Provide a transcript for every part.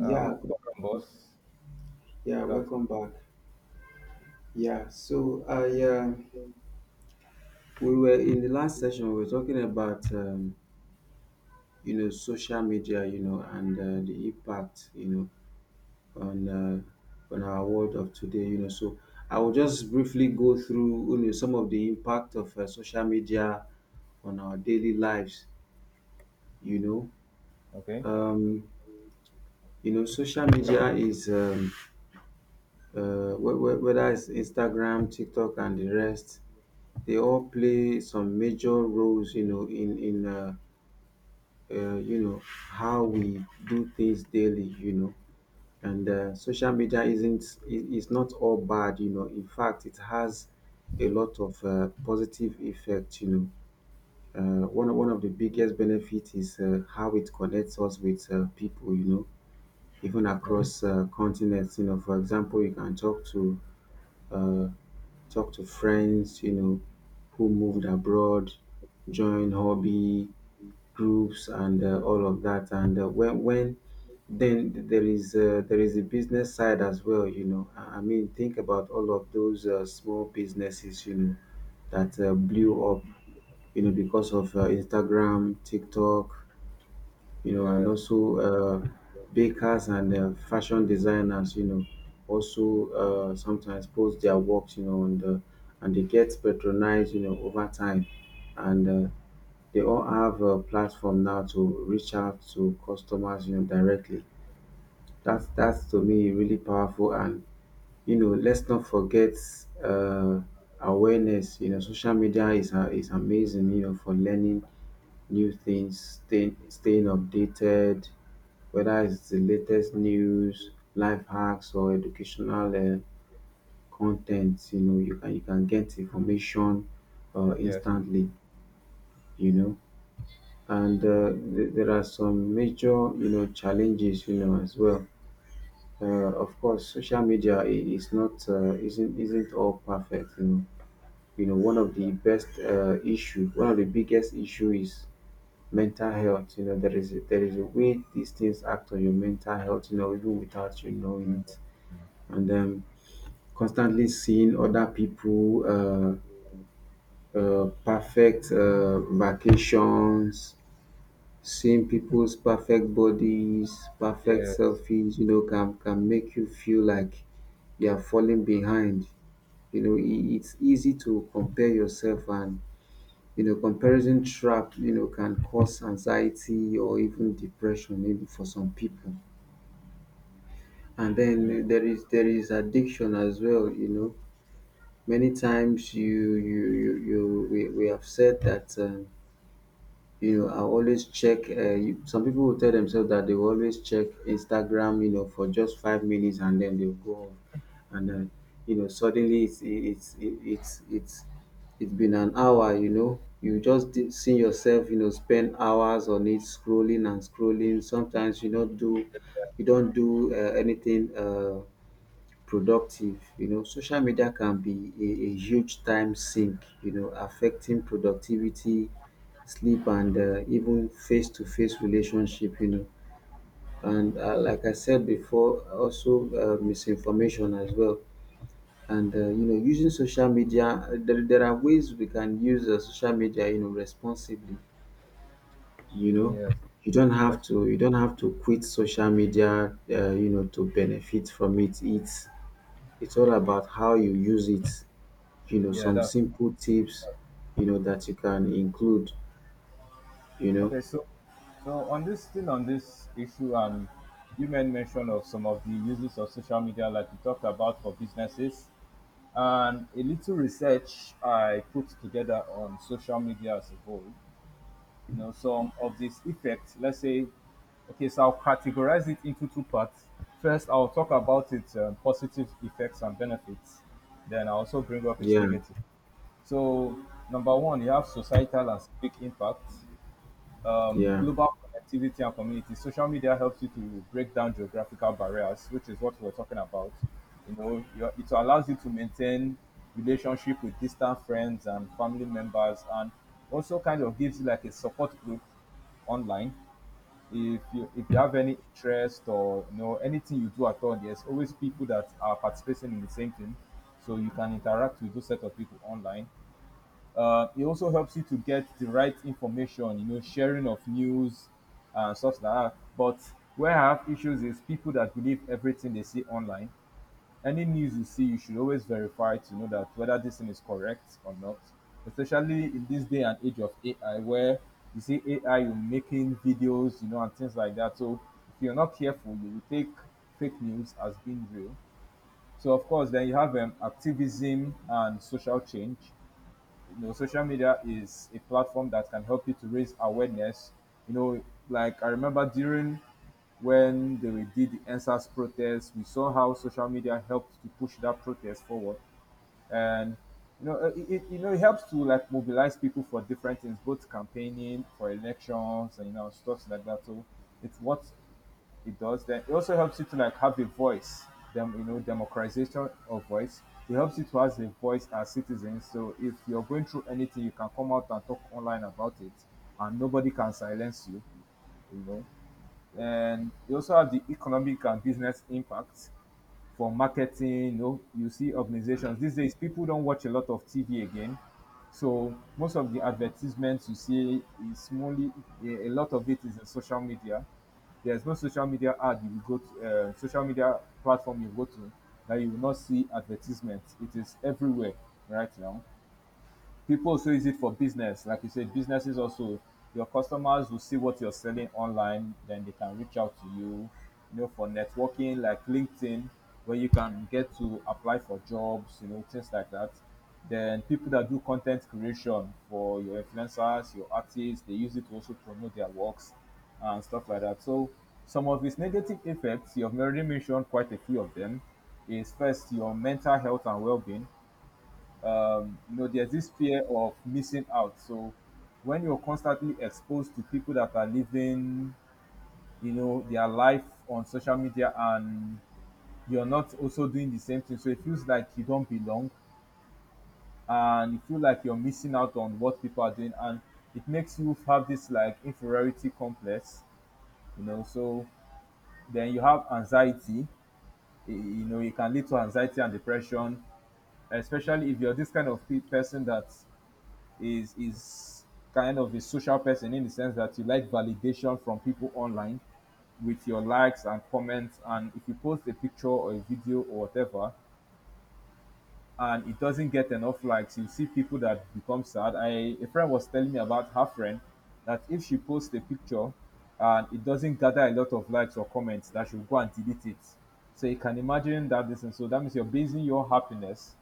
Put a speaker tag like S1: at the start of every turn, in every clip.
S1: Welcome, boss.
S2: yeah,
S1: Good afternoon.
S2: welcome back. Yeah, so I we were in the last session we were talking about social media, and the impact, know, on uh, on our world of today. So I will just briefly go through some of the impact of social media on our daily lives, you know.
S1: Okay.
S2: Um, social media is whether it's Instagram, TikTok, and the rest, they all play some major roles, in how we do things daily. And social media isn't I- is not all bad. In fact, it has a lot of positive effect. One of the biggest benefits is how it connects us with people, even
S1: Okay.
S2: across continents. You know, for example, you can uh, talk to friends, who moved abroad, join hobby groups, and all of that. And when then there is a business side as well. I mean, think about all of those small businesses, that blew up, because of Instagram, TikTok, and
S1: Yes.
S2: also uh, bakers and fashion designers, also sometimes post their works, and they get patronized, over time, and they all have a platform now to reach out to customers, directly. That's to me really powerful, and let's not forget uh, awareness. You know, social media is amazing, for learning new things, staying updated, whether it's the latest news, life hacks, or educational content. You know, you can get information
S1: Yes.
S2: instantly. You know, and there are some major challenges You know, as well. Of course, social media is not isn't all perfect. You know, one of the best issue, one of the biggest issue is mental health. You know, there is a way these things act on your mental health, You know, even without you
S1: Mm.
S2: knowing it.
S1: Mm.
S2: And Constantly seeing other people perfect vacations, seeing people's perfect bodies, perfect
S1: Yes.
S2: selfies, can make you feel like you are falling behind. It's easy to compare yourself, and comparison trap, can cause anxiety or even depression, even for some people. And
S1: Mm.
S2: then there is addiction as well, you know. Many times you you you you we have said that I always check. Some people will tell themselves that they will always check Instagram, for just 5 minutes and then they'll go off, and then suddenly it's been an hour. You know, you just see yourself, spend hours on it scrolling and scrolling. Sometimes you don't do anything productive. You know, social media can be a huge time sink, affecting productivity, sleep, and even face to face relationship, you know. And like I said before, also misinformation as well. Using social media, there are ways we can use social media, responsibly, you know.
S1: Yes. Yes.
S2: You don't have to quit social media, to benefit from it. It's all about how you use it,
S1: Yeah.
S2: some
S1: That's
S2: simple tips that you can include, you know.
S1: okay. So, on this still on this issue, you made mention of some of the uses of social media, like you talked about for businesses, and a little research I put together on social media as a whole. You know, some of these effects, let's say, okay, so I'll categorize it into two parts. First, I'll talk about its positive effects and benefits, then I also bring up its
S2: Yeah,
S1: negative. So number one, you have societal and civic impact,
S2: yeah.
S1: global connectivity and community. Social media helps you to break down geographical barriers, which is what we're talking about. You know, it allows you to maintain relationship with distant friends and family members, and also kind of gives you like a support group online. If you have any interest or you know anything you do at all, there's always people that are participating in the same thing, so you can interact with those set of people online. It also helps you to get the right information, you know, sharing of news and stuff like that. But where I have issues is people that believe everything they see online. Any news you see, you should always verify to know that whether this thing is correct or not. Especially in this day and age of AI, where you see AI, you're making videos, you know, and things like that. So if you're not careful, you will take fake news as being real. So of course, then you have activism and social change. You know, social media is a platform that can help you to raise awareness. You know, like I remember during when they did the Ensa's protest, we saw how social media helped to push that protest forward, and you know, it you know it helps to like mobilize people for different things, both campaigning for elections and you know stuff like that. So it's what it does. Then it also helps you to like have a voice, them you know democratization of voice. It helps you to have a voice as citizens, so if you're going through anything you can come out and talk online about it, and nobody can silence you, you know. And you also have the economic and business impacts for marketing. You know, you see organizations these days. People don't watch a lot of TV again, so most of the advertisements you see is only a lot of it is in social media. There's no social media ad you will go to, social media platform you go to that you will not see advertisements. It is everywhere right now. People also use it for business. Like you said, businesses also, your customers will see what you're selling online, then they can reach out to you. You know, for networking like LinkedIn, where you can get to apply for jobs, you know, things like that. Then people that do content creation, for your influencers, your artists, they use it to also promote their works and stuff like that. So some of its negative effects, you've already mentioned quite a few of them, is first your mental health and well-being. You know, there's this fear of missing out. So when you're constantly exposed to people that are living, you know, their life on social media, and you're not also doing the same thing, so it feels like you don't belong and you feel like you're missing out on what people are doing, and it makes you have this like inferiority complex, you know. So then you have anxiety, you know, it can lead to anxiety and depression, especially if you're this kind of person that is kind of a social person in the sense that you like validation from people online with your likes and comments, and if you post a picture or a video or whatever and it doesn't get enough likes, you see people that become sad. I a friend was telling me about her friend that if she posts a picture and it doesn't gather a lot of likes or comments, that she'll go and delete it. So you can imagine that. This and so that means you're basing your happiness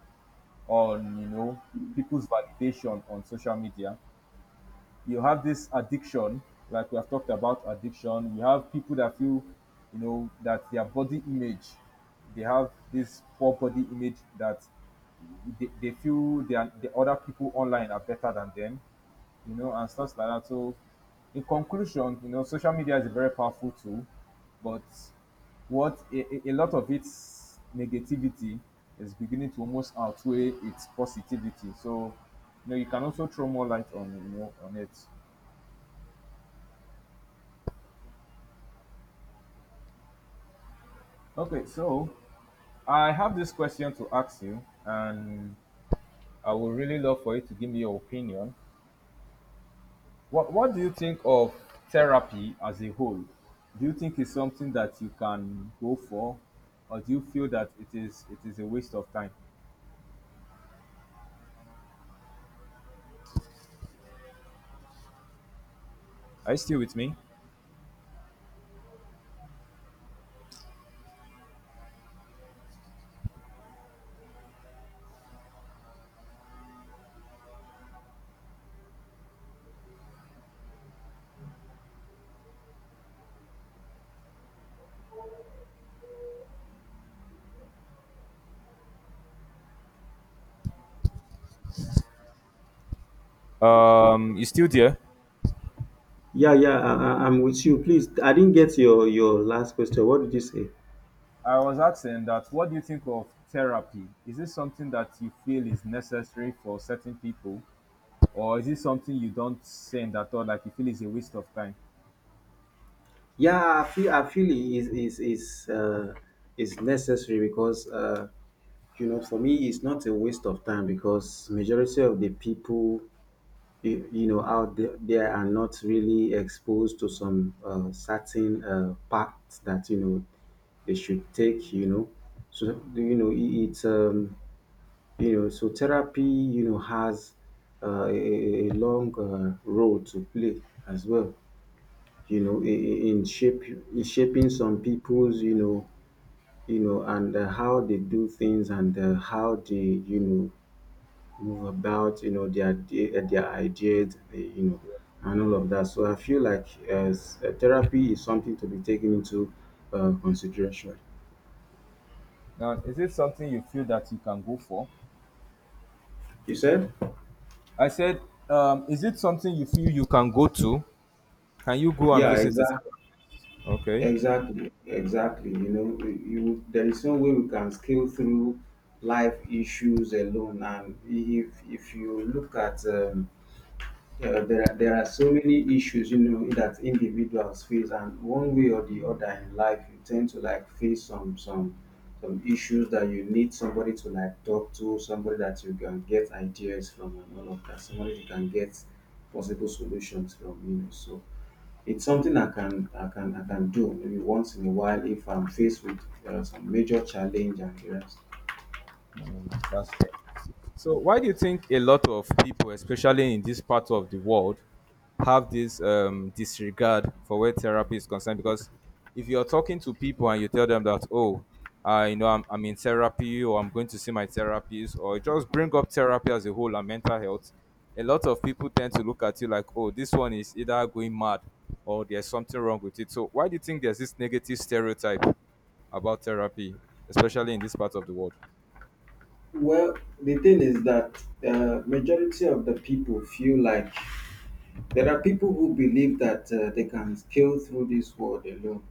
S1: on, you know, people's validation on social media. You have this addiction, like we have talked about addiction. You have people that feel, you know, that their body image, they have this poor body image, that they feel the other people online are better than them, you know, and stuff like that. So, in conclusion, you know, social media is a very powerful tool, but what, a lot of its negativity is beginning to almost outweigh its positivity. So, you know, you can also throw more light on, you know, on it. Okay, so I have this question to ask you, and I would really love for you to give me your opinion. What do you think of therapy as a whole? Do you think it's something that you can go for, or do you feel that it is a waste of time? Are you still with me? You still there?
S2: Yeah, yeah, I'm with you. Please, I didn't get your last question. What did you say?
S1: I was asking, that what do you think of therapy? Is it something that you feel is necessary for certain people, or is it something you don't send at all, like you feel is a waste of time?
S2: Yeah, I feel it is necessary because you know, for me it's not a waste of time, because majority of the people, out there, there are not really exposed to some certain paths that they should take, you know. So it's so therapy, you know, has a long role to play as well, in shaping some people's, you know, and how they do things and how they, you know, move about, you know, their day, their ideas, and all of that. So I feel like as therapy is something to be taken into consideration.
S1: Now, is it something you feel that you can go for?
S2: You said?
S1: I said, is it something you feel you can go to? Can you go and
S2: Yeah,
S1: visit it? Okay.
S2: exactly. You know, you there is no way we can scale through life issues alone. And if you look at yeah, there are so many issues, you know, that individuals face, and one way or the other in life you tend to like face some some issues that you need somebody to like talk to, somebody that you can get ideas from and all of that, somebody you can get possible solutions from, you know. So it's something I can do, maybe once in a while if I'm faced with some major challenge and the rest.
S1: Mm, that's right. So, why do you think a lot of people, especially in this part of the world, have this disregard for where therapy is concerned? Because if you're talking to people and you tell them that, oh, I you know I'm in therapy or I'm going to see my therapist, or just bring up therapy as a whole and mental health, a lot of people tend to look at you like, oh, this one is either going mad or there's something wrong with it. So, why do you think there's this negative stereotype about therapy, especially in this part of the world?
S2: Well, the thing is that majority of the people feel like there are people who believe that they can scale through this world alone,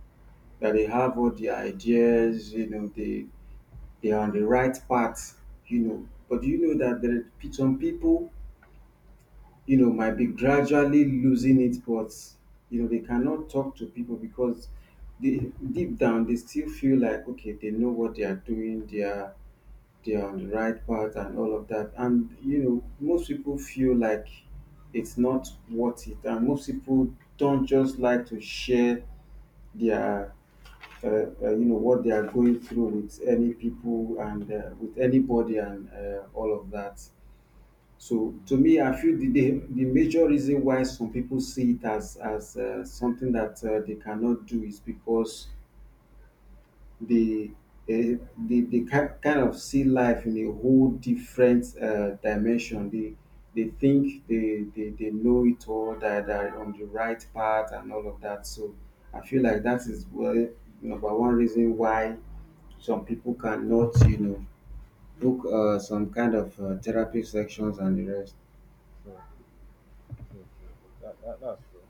S2: that they have all the ideas, you know, they are on the right path, you know. But you know that there are some people, you know, might be gradually losing it, but you know they cannot talk to people, because they, deep down, they still feel like okay, they know what they are doing, they're on the right path and all of that. And you know, most people feel like it's not worth it, and most people don't just like to share their uh, you know, what they are going through with any people, and with anybody, and all of that. So to me, I feel the major reason why some people see it as something that they cannot do, is because they, eh, they kind of see life in a whole different dimension. They think they know it all, that they're on the right path and all of that. So I feel like that is, well, number one reason why some people cannot, you know, book some kind of therapy sections and the rest.
S1: True, true, true, true. That that's true.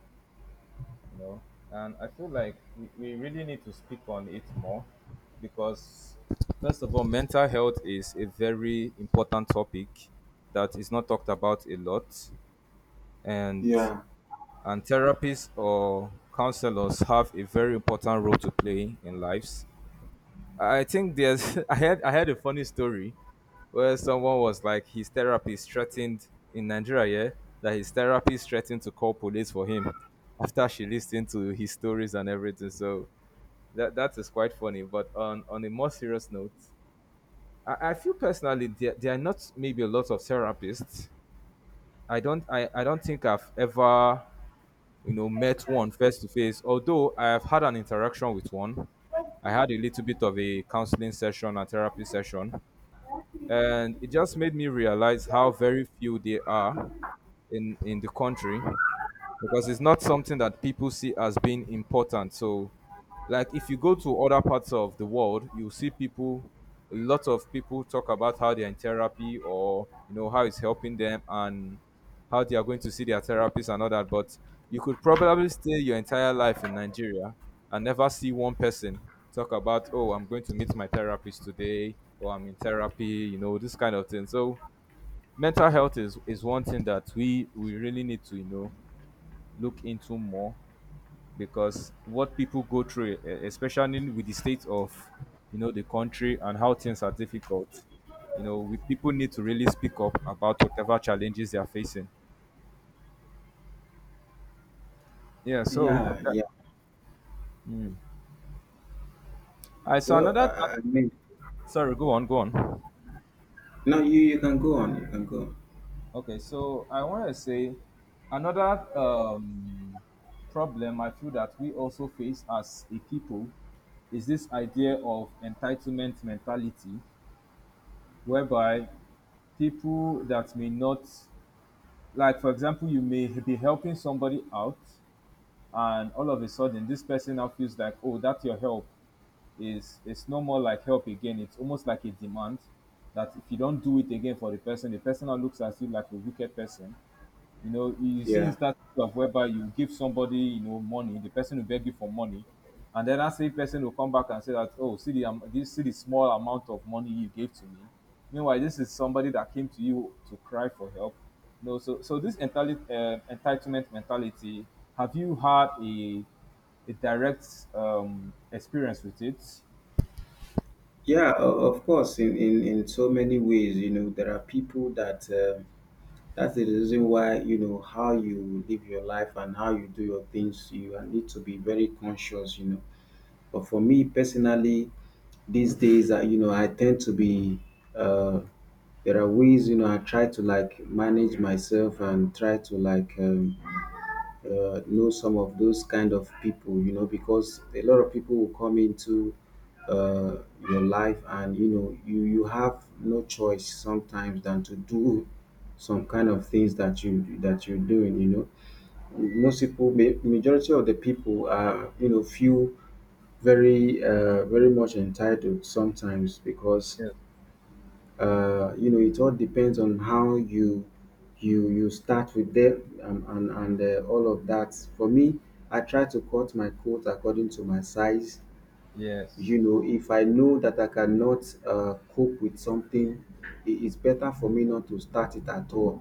S1: You know, and I feel like we really need to speak on it more because first of all, mental health is a very important topic that is not talked about a lot, and
S2: Yeah,
S1: and therapists or counselors have a very important role to play in lives. I think there's I had a funny story where someone was like his therapist threatened, in Nigeria, yeah, that his therapist threatened to call police for him after she listened to his stories and everything. So that is quite funny. But on a more serious note, I feel personally there are not maybe a lot of therapists. I don't think I've ever you know met one face to face. Although I have had an interaction with one, I had a little bit of a counseling session and therapy session, and it just made me realize how very few they are in the country because it's not something that people see as being important. So, like if you go to other parts of the world, you see people, a lot of people talk about how they're in therapy or you know how it's helping them and how they are going to see their therapist and all that. But you could probably stay your entire life in Nigeria and never see one person talk about, oh, I'm going to meet my therapist today or I'm in therapy, you know, this kind of thing. So mental health is one thing that we really need to, you know, look into more because what people go through, especially with the state of you know the country and how things are difficult, you know, people need to really speak up about whatever challenges they are facing. Yeah. So
S2: yeah,
S1: that,
S2: yeah.
S1: mm. I saw
S2: Well,
S1: another.
S2: I mean,
S1: Sorry, go on, go on.
S2: no, you can go on. You can go on.
S1: Okay, so I want to say another problem I feel that we also face as a people is this idea of entitlement mentality, whereby people that may not, like for example you may be helping somebody out, and all of a sudden this person now feels like, oh, that your help is, it's no more like help again, it's almost like a demand that if you don't do it again for the person, the person now looks at you like a wicked person. You know, you see
S2: Yeah.
S1: instances of whereby you give somebody, you know, money, the person will beg you for money, and then that same person will come back and say that, oh, see the this, see the small amount of money you gave to me. Meanwhile, this is somebody that came to you to cry for help. You know, so this entitlement mentality. Have you had a direct experience with it?
S2: Yeah, of course, in, in so many ways, you know, there are people that's the reason why, you know, how you live your life and how you do your things, you need to be very conscious, you know. But for me personally, these days, I, you know, I tend to be, uh, there are ways, you know, I try to like manage myself and try to like, know some of those kind of people, you know, because a lot of people will come into uh, your life, and you know you have no choice sometimes than to do some kind of things that you that you're doing, you know. Most people, majority of the people are, you know, feel very very much entitled sometimes, because
S1: Yes.
S2: you know it all depends on how you start with them, and all of that. For me, I try to cut my coat according to my size.
S1: Yes.
S2: You know, if I know that I cannot cope with something, it is better for me not to start it at all.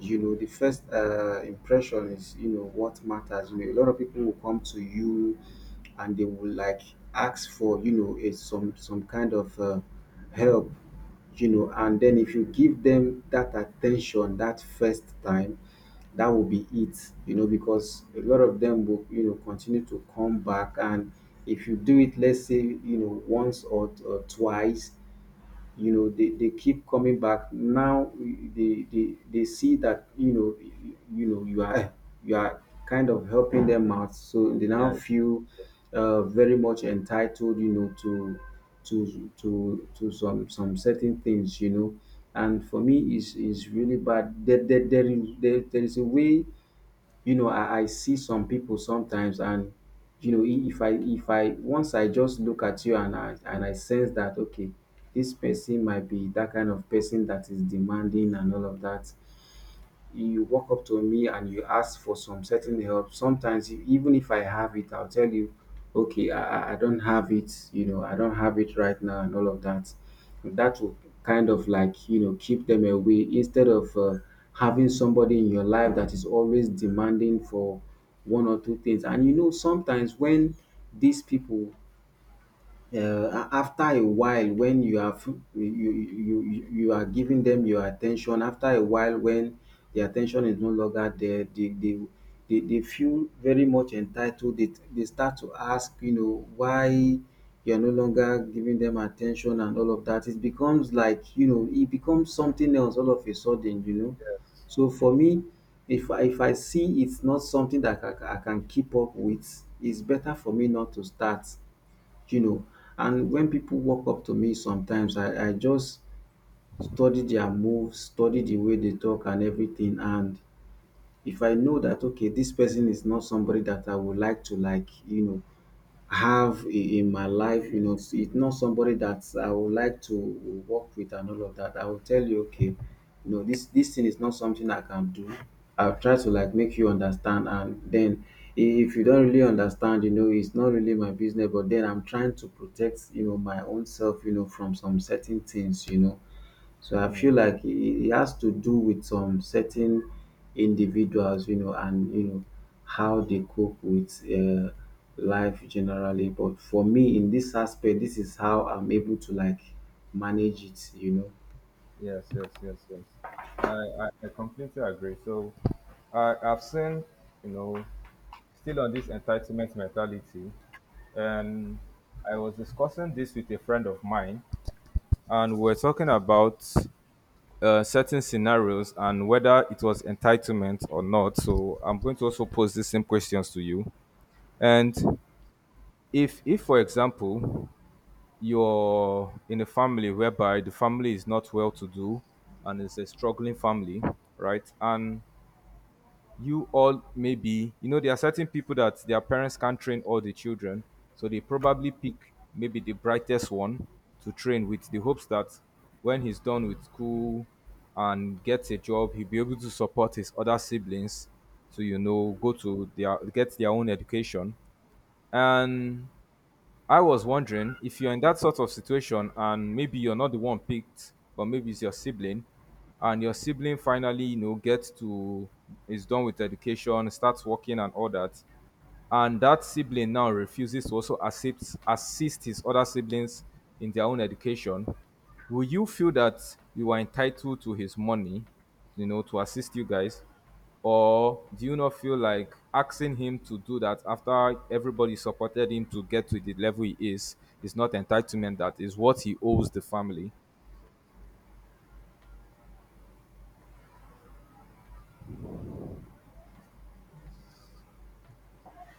S2: You know, the first impression is, you know, what matters. You know, a lot of people will come to you and they will like ask for, some kind of help, you know. And then if you give them that attention that first time, that will be it, you know, because a lot of them will, you know, continue to come back. And if you do it, let's say, you know, once or twice, you know they keep coming back. Now they see that, you know, you know you are kind of helping them out, so they now
S1: Yes.
S2: feel very much entitled, you know, to to some certain things, you know. And for me, is really bad. There is a way, you know. I see some people sometimes, and you know, I- if I if I once I just look at you and I sense that, okay, this person might be that kind of person that is demanding and all of that, you walk up to me and you ask for some certain help. Sometimes, even if I have it, I'll tell you, okay, I don't have it, you know, I don't have it right now, and all of that. That will kind of like, you know, keep them away, instead of having somebody in your life that is always demanding for one or two things. And you know, sometimes when these people uh, after a while, when you have you are giving them your attention, after a while, when the attention is no longer there, they feel very much entitled. They start to ask, you know, why you're no longer giving them attention and all of that. It becomes like, you know, it becomes something else all of a sudden, you know. So for me, if I see it's not something that I can keep up with, it's better for me not to start, you know. And when people walk up to me sometimes, I just study their moves, study the way they talk and everything. And if I know that, okay, this person is not somebody that I would like to, like, you know, have in my life, you know, it's not somebody that I would like to work with and all of that, I will tell you, okay, you know, this thing is not something I can do. I'll try to like make you understand, and then if you don't really understand, you know, it's not really my business. But then I'm trying to protect, you know, my own self, you know, from some certain things, you know. So I
S1: Yes.
S2: feel like it has to do with some certain individuals, you know, and you know how they cope with life generally. But for me, in this aspect, this is how I'm able to like manage it, you know.
S1: Yes, yes, yes, yes. I completely agree. So I've seen, you know, still on this entitlement mentality, and I was discussing this with a friend of mine, and we're talking about certain scenarios and whether it was entitlement or not. So I'm going to also pose the same questions to you. And if for example, you're in a family whereby the family is not well to do and it's a struggling family, right? And you all maybe, you know, there are certain people that their parents can't train all the children. So they probably pick maybe the brightest one to train, with the hopes that when he's done with school and gets a job, he'll be able to support his other siblings to, you know, go to their get their own education. And I was wondering if you're in that sort of situation and maybe you're not the one picked, but maybe it's your sibling, and your sibling finally, you know, gets to is done with education, starts working and all that, and that sibling now refuses to also assist his other siblings in their own education. Will you feel that you are entitled to his money, you know, to assist you guys? Or do you not feel like asking him to do that after everybody supported him to get to the level he is not entitlement, that is what he owes the family?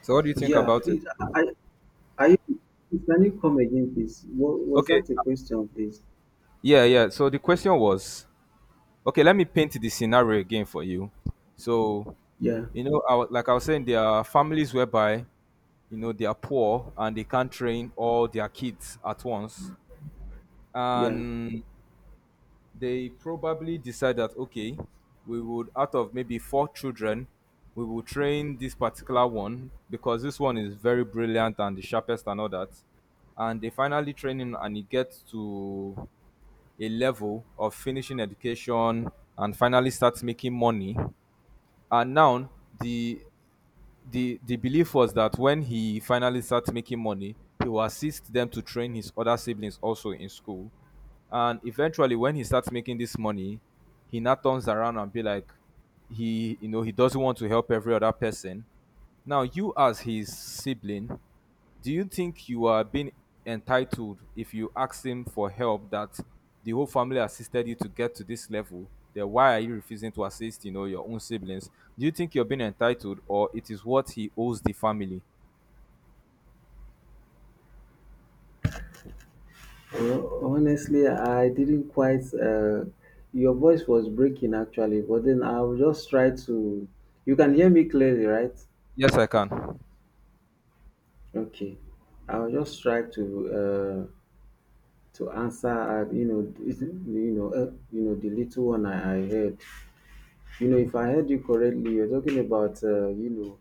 S1: So what do you think
S2: Yeah,
S1: about it?
S2: please. I, I, I- can you come again, please? What was
S1: Okay,
S2: that, a question, please?
S1: yeah, yeah. So the question was, okay, let me paint the scenario again for you. So,
S2: Yeah,
S1: you know, like I was saying, there are families whereby, you know, they are poor and they can't train all their kids at once.
S2: yeah.
S1: And they probably decide that, okay, we would, out of maybe four children, we will train this particular one because this one is very brilliant and the sharpest and all that. And they finally train him and he gets to a level of finishing education and finally starts making money. And now the the belief was that when he finally starts making money, he will assist them to train his other siblings also in school. And eventually, when he starts making this money, he now turns around and be like, he, you know, he doesn't want to help every other person. Now, you as his sibling, do you think you are being entitled if you ask him for help, that the whole family assisted you to get to this level? Then why are you refusing to assist, you know, your own siblings? Do you think you're being entitled, or it is what he owes the family?
S2: Well, honestly, I didn't quite. Your voice was breaking actually, but then I'll just try to. You can hear me clearly, right?
S1: Yes, I can.
S2: Okay, I'll just try to answer. You know, you know, you know, the little one I heard. You know, if I heard you correctly, you're talking about you know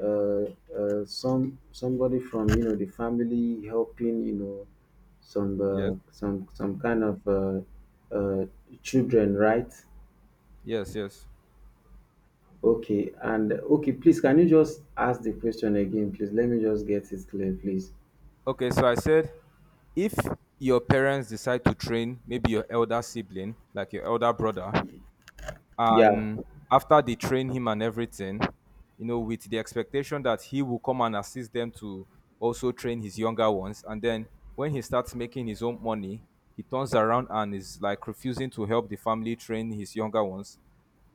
S2: some somebody from, you know, the family helping, you know,
S1: Yes.
S2: some kind of uh, children, right?
S1: Yes, yes.
S2: Okay, and okay, please, can you just ask the question again, please? Let me just get it clear, please.
S1: Okay, so I said if your parents decide to train maybe your elder sibling, like your elder brother,
S2: Yeah,
S1: and after they train him and everything, you know, with the expectation that he will come and assist them to also train his younger ones, and then when he starts making his own money he turns around and is like refusing to help the family train his younger ones,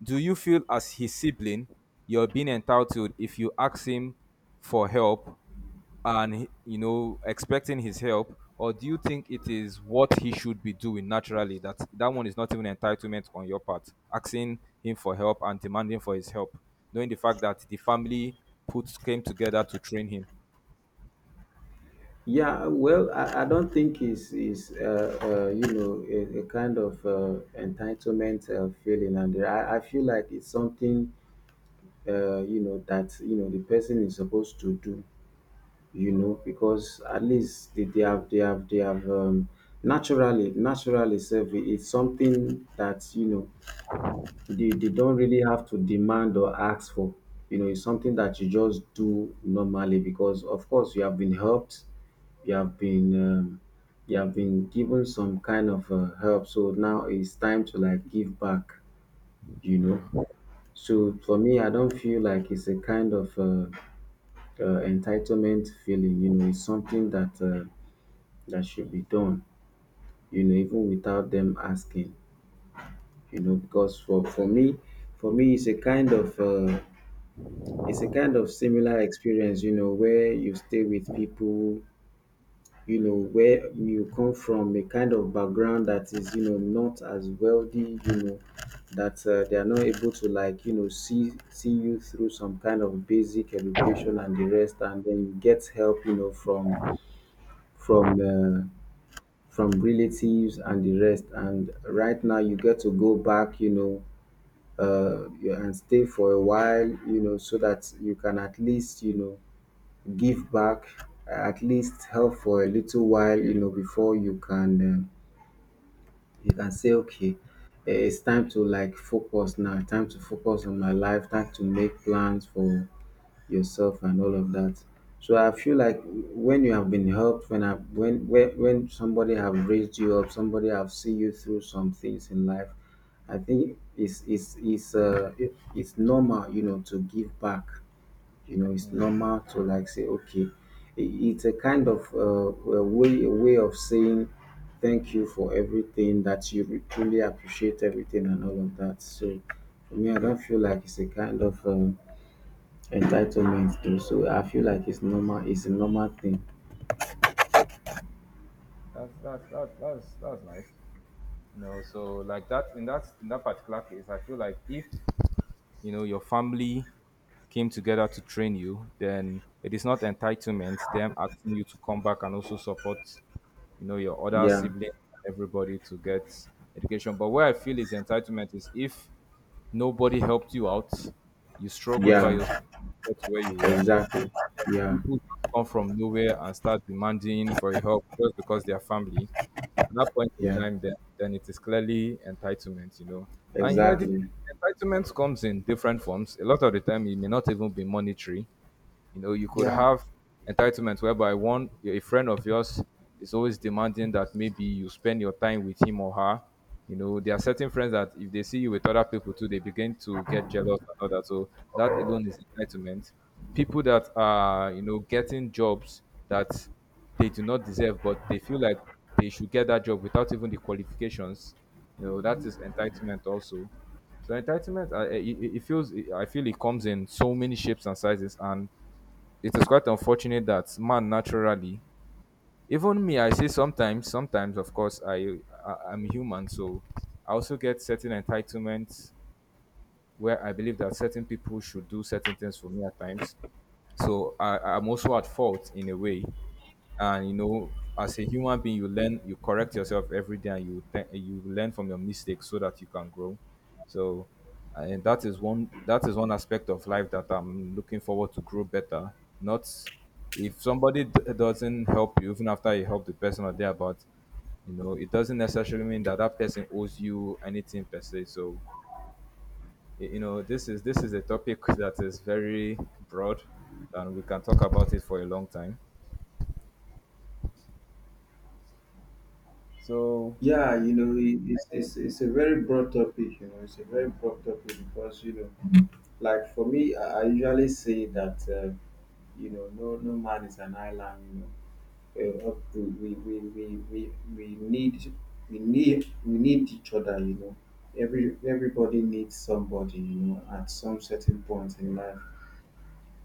S1: do you feel as his sibling you're being entitled if you ask him for help and you know, expecting his help? Or do you think it is what he should be doing naturally, that that one is not even entitlement on your part, asking him for help and demanding for his help, knowing the fact that the family put came together to train him?
S2: yeah. Well, I don't think it's is you know a kind of entitlement feeling. And I feel like it's something you know that, you know, the person is supposed to do, you know. Because at least they have they have they have naturally, naturally self, it's something that, you know, they don't really have to demand or ask for. You know, it's something that you just do normally, because of course you have been helped, you have been um, you have been given some kind of help. So now it's time to like give back, you know. So for me, I don't feel like it's a kind of entitlement feeling, you know. Is something that that should be done, you know, even without them asking, you know. Because for me, it's a kind of it's a kind of similar experience, you know, where you stay with people, you know, where you come from a kind of background that is, you know, not as wealthy, you know, that they are not able to like, you know, see you through some kind of basic education and the rest, and then you get help, you know, from from uh, from relatives and the rest. And right now, you get to go back, you know, and stay for a while, you know, so that you can at least, you know, give back, at least help for a little while, you know, before you can say, okay, it's time to like focus now. Time to focus on my life. Time to make plans for yourself and all of that. So I feel like when you have been helped, when I when somebody have raised you up, somebody have seen you through some things in life, I think it's normal, you know, to give back. You know, it's
S1: Mm.
S2: normal to like say, okay, it's a kind of a way of saying thank you for everything, that you truly appreciate everything and all of that. So for me, I don't feel like it's a kind of entitlement too. So I feel like it's normal, it's a normal thing.
S1: That's That that's nice. You know, so like that, in that particular case, I feel like if you know your family came together to train you, then it is not entitlement them asking you to come back and also support, you know, your other
S2: Yeah.
S1: siblings and everybody to get education. But where I feel is entitlement is if nobody helped you out, you struggled by yourself
S2: Yeah.
S1: to get to where you were,
S2: Exactly. Yeah.
S1: people just come from nowhere and start demanding for your help just because they are family. At that point in
S2: Yeah.
S1: time, then it is clearly entitlement, you know. And you know, the
S2: Exactly.
S1: entitlement comes in different forms. A lot of the time, it may not even be monetary. You know, you could
S2: Yeah.
S1: have entitlement whereby one a friend of yours is always demanding that maybe you spend your time with him or her. You know, there are certain friends that if they see you with other people too, they begin to get jealous and all that. So that alone is entitlement. People that are, you know, getting jobs that they do not deserve, but they feel like they should get that job without even the qualifications. You know, that is entitlement also. So entitlement, it feels, I feel it comes in so many shapes and sizes, and it is quite unfortunate that man naturally, even me I say sometimes, of course I'm human, so I also get certain entitlements where I believe that certain people should do certain things for me at times. So I'm also at fault in a way. And you know, as a human being, you learn, you correct yourself every day, and you you learn from your mistakes so that you can grow. So, and that is one aspect of life that I'm looking forward to grow better. Not if somebody doesn't help you, even after you help the person or there, but you know, it doesn't necessarily mean that that person owes you anything per se. So you know this is a topic that is very broad and we can talk about it for a long time, so
S2: Yeah, you know, it's a very broad topic, you know. It's a very broad topic because, you know, like for me, I usually say that, you know, no man is an island, you know. Up we need we need each other, you know. Everybody needs somebody, you know, at some certain point in life.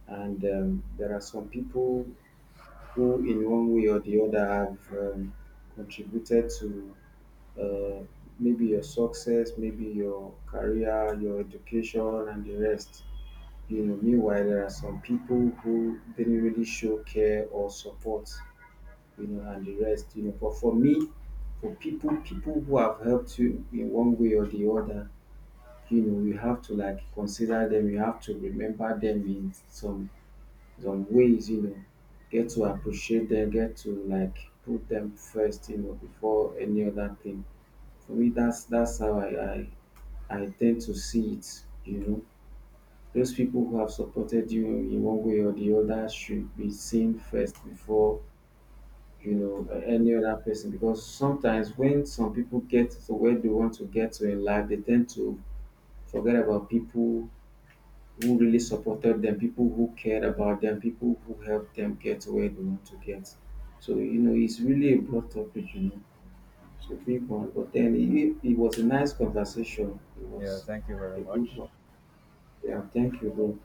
S2: And there are some people who in one way or the other have contributed to uh, maybe your success, maybe your career, your education and the rest, you know. Meanwhile, there are some people who didn't really show care or support, you know, and the rest, you know. But for me, for people who have helped you in one way or the other, you know, you have to like consider them. You have to remember them in some ways, you know. Get to appreciate them. Get to like put them first, you know, before any other thing. For me, that's how I tend to see it, you know. Those people who have supported you in one way or the other should be seen first before, you know, any other person. Because sometimes when some people get to where they want to get to in life, they tend to forget about people who really supported them, people who cared about them, people who helped them get to where they want to get. So you know, it's really a broad topic, you know. It's a big one. But then it was a nice conversation. It
S1: yeah,
S2: was
S1: thank you very
S2: a good
S1: much.
S2: one. Yeah, thank you, bro.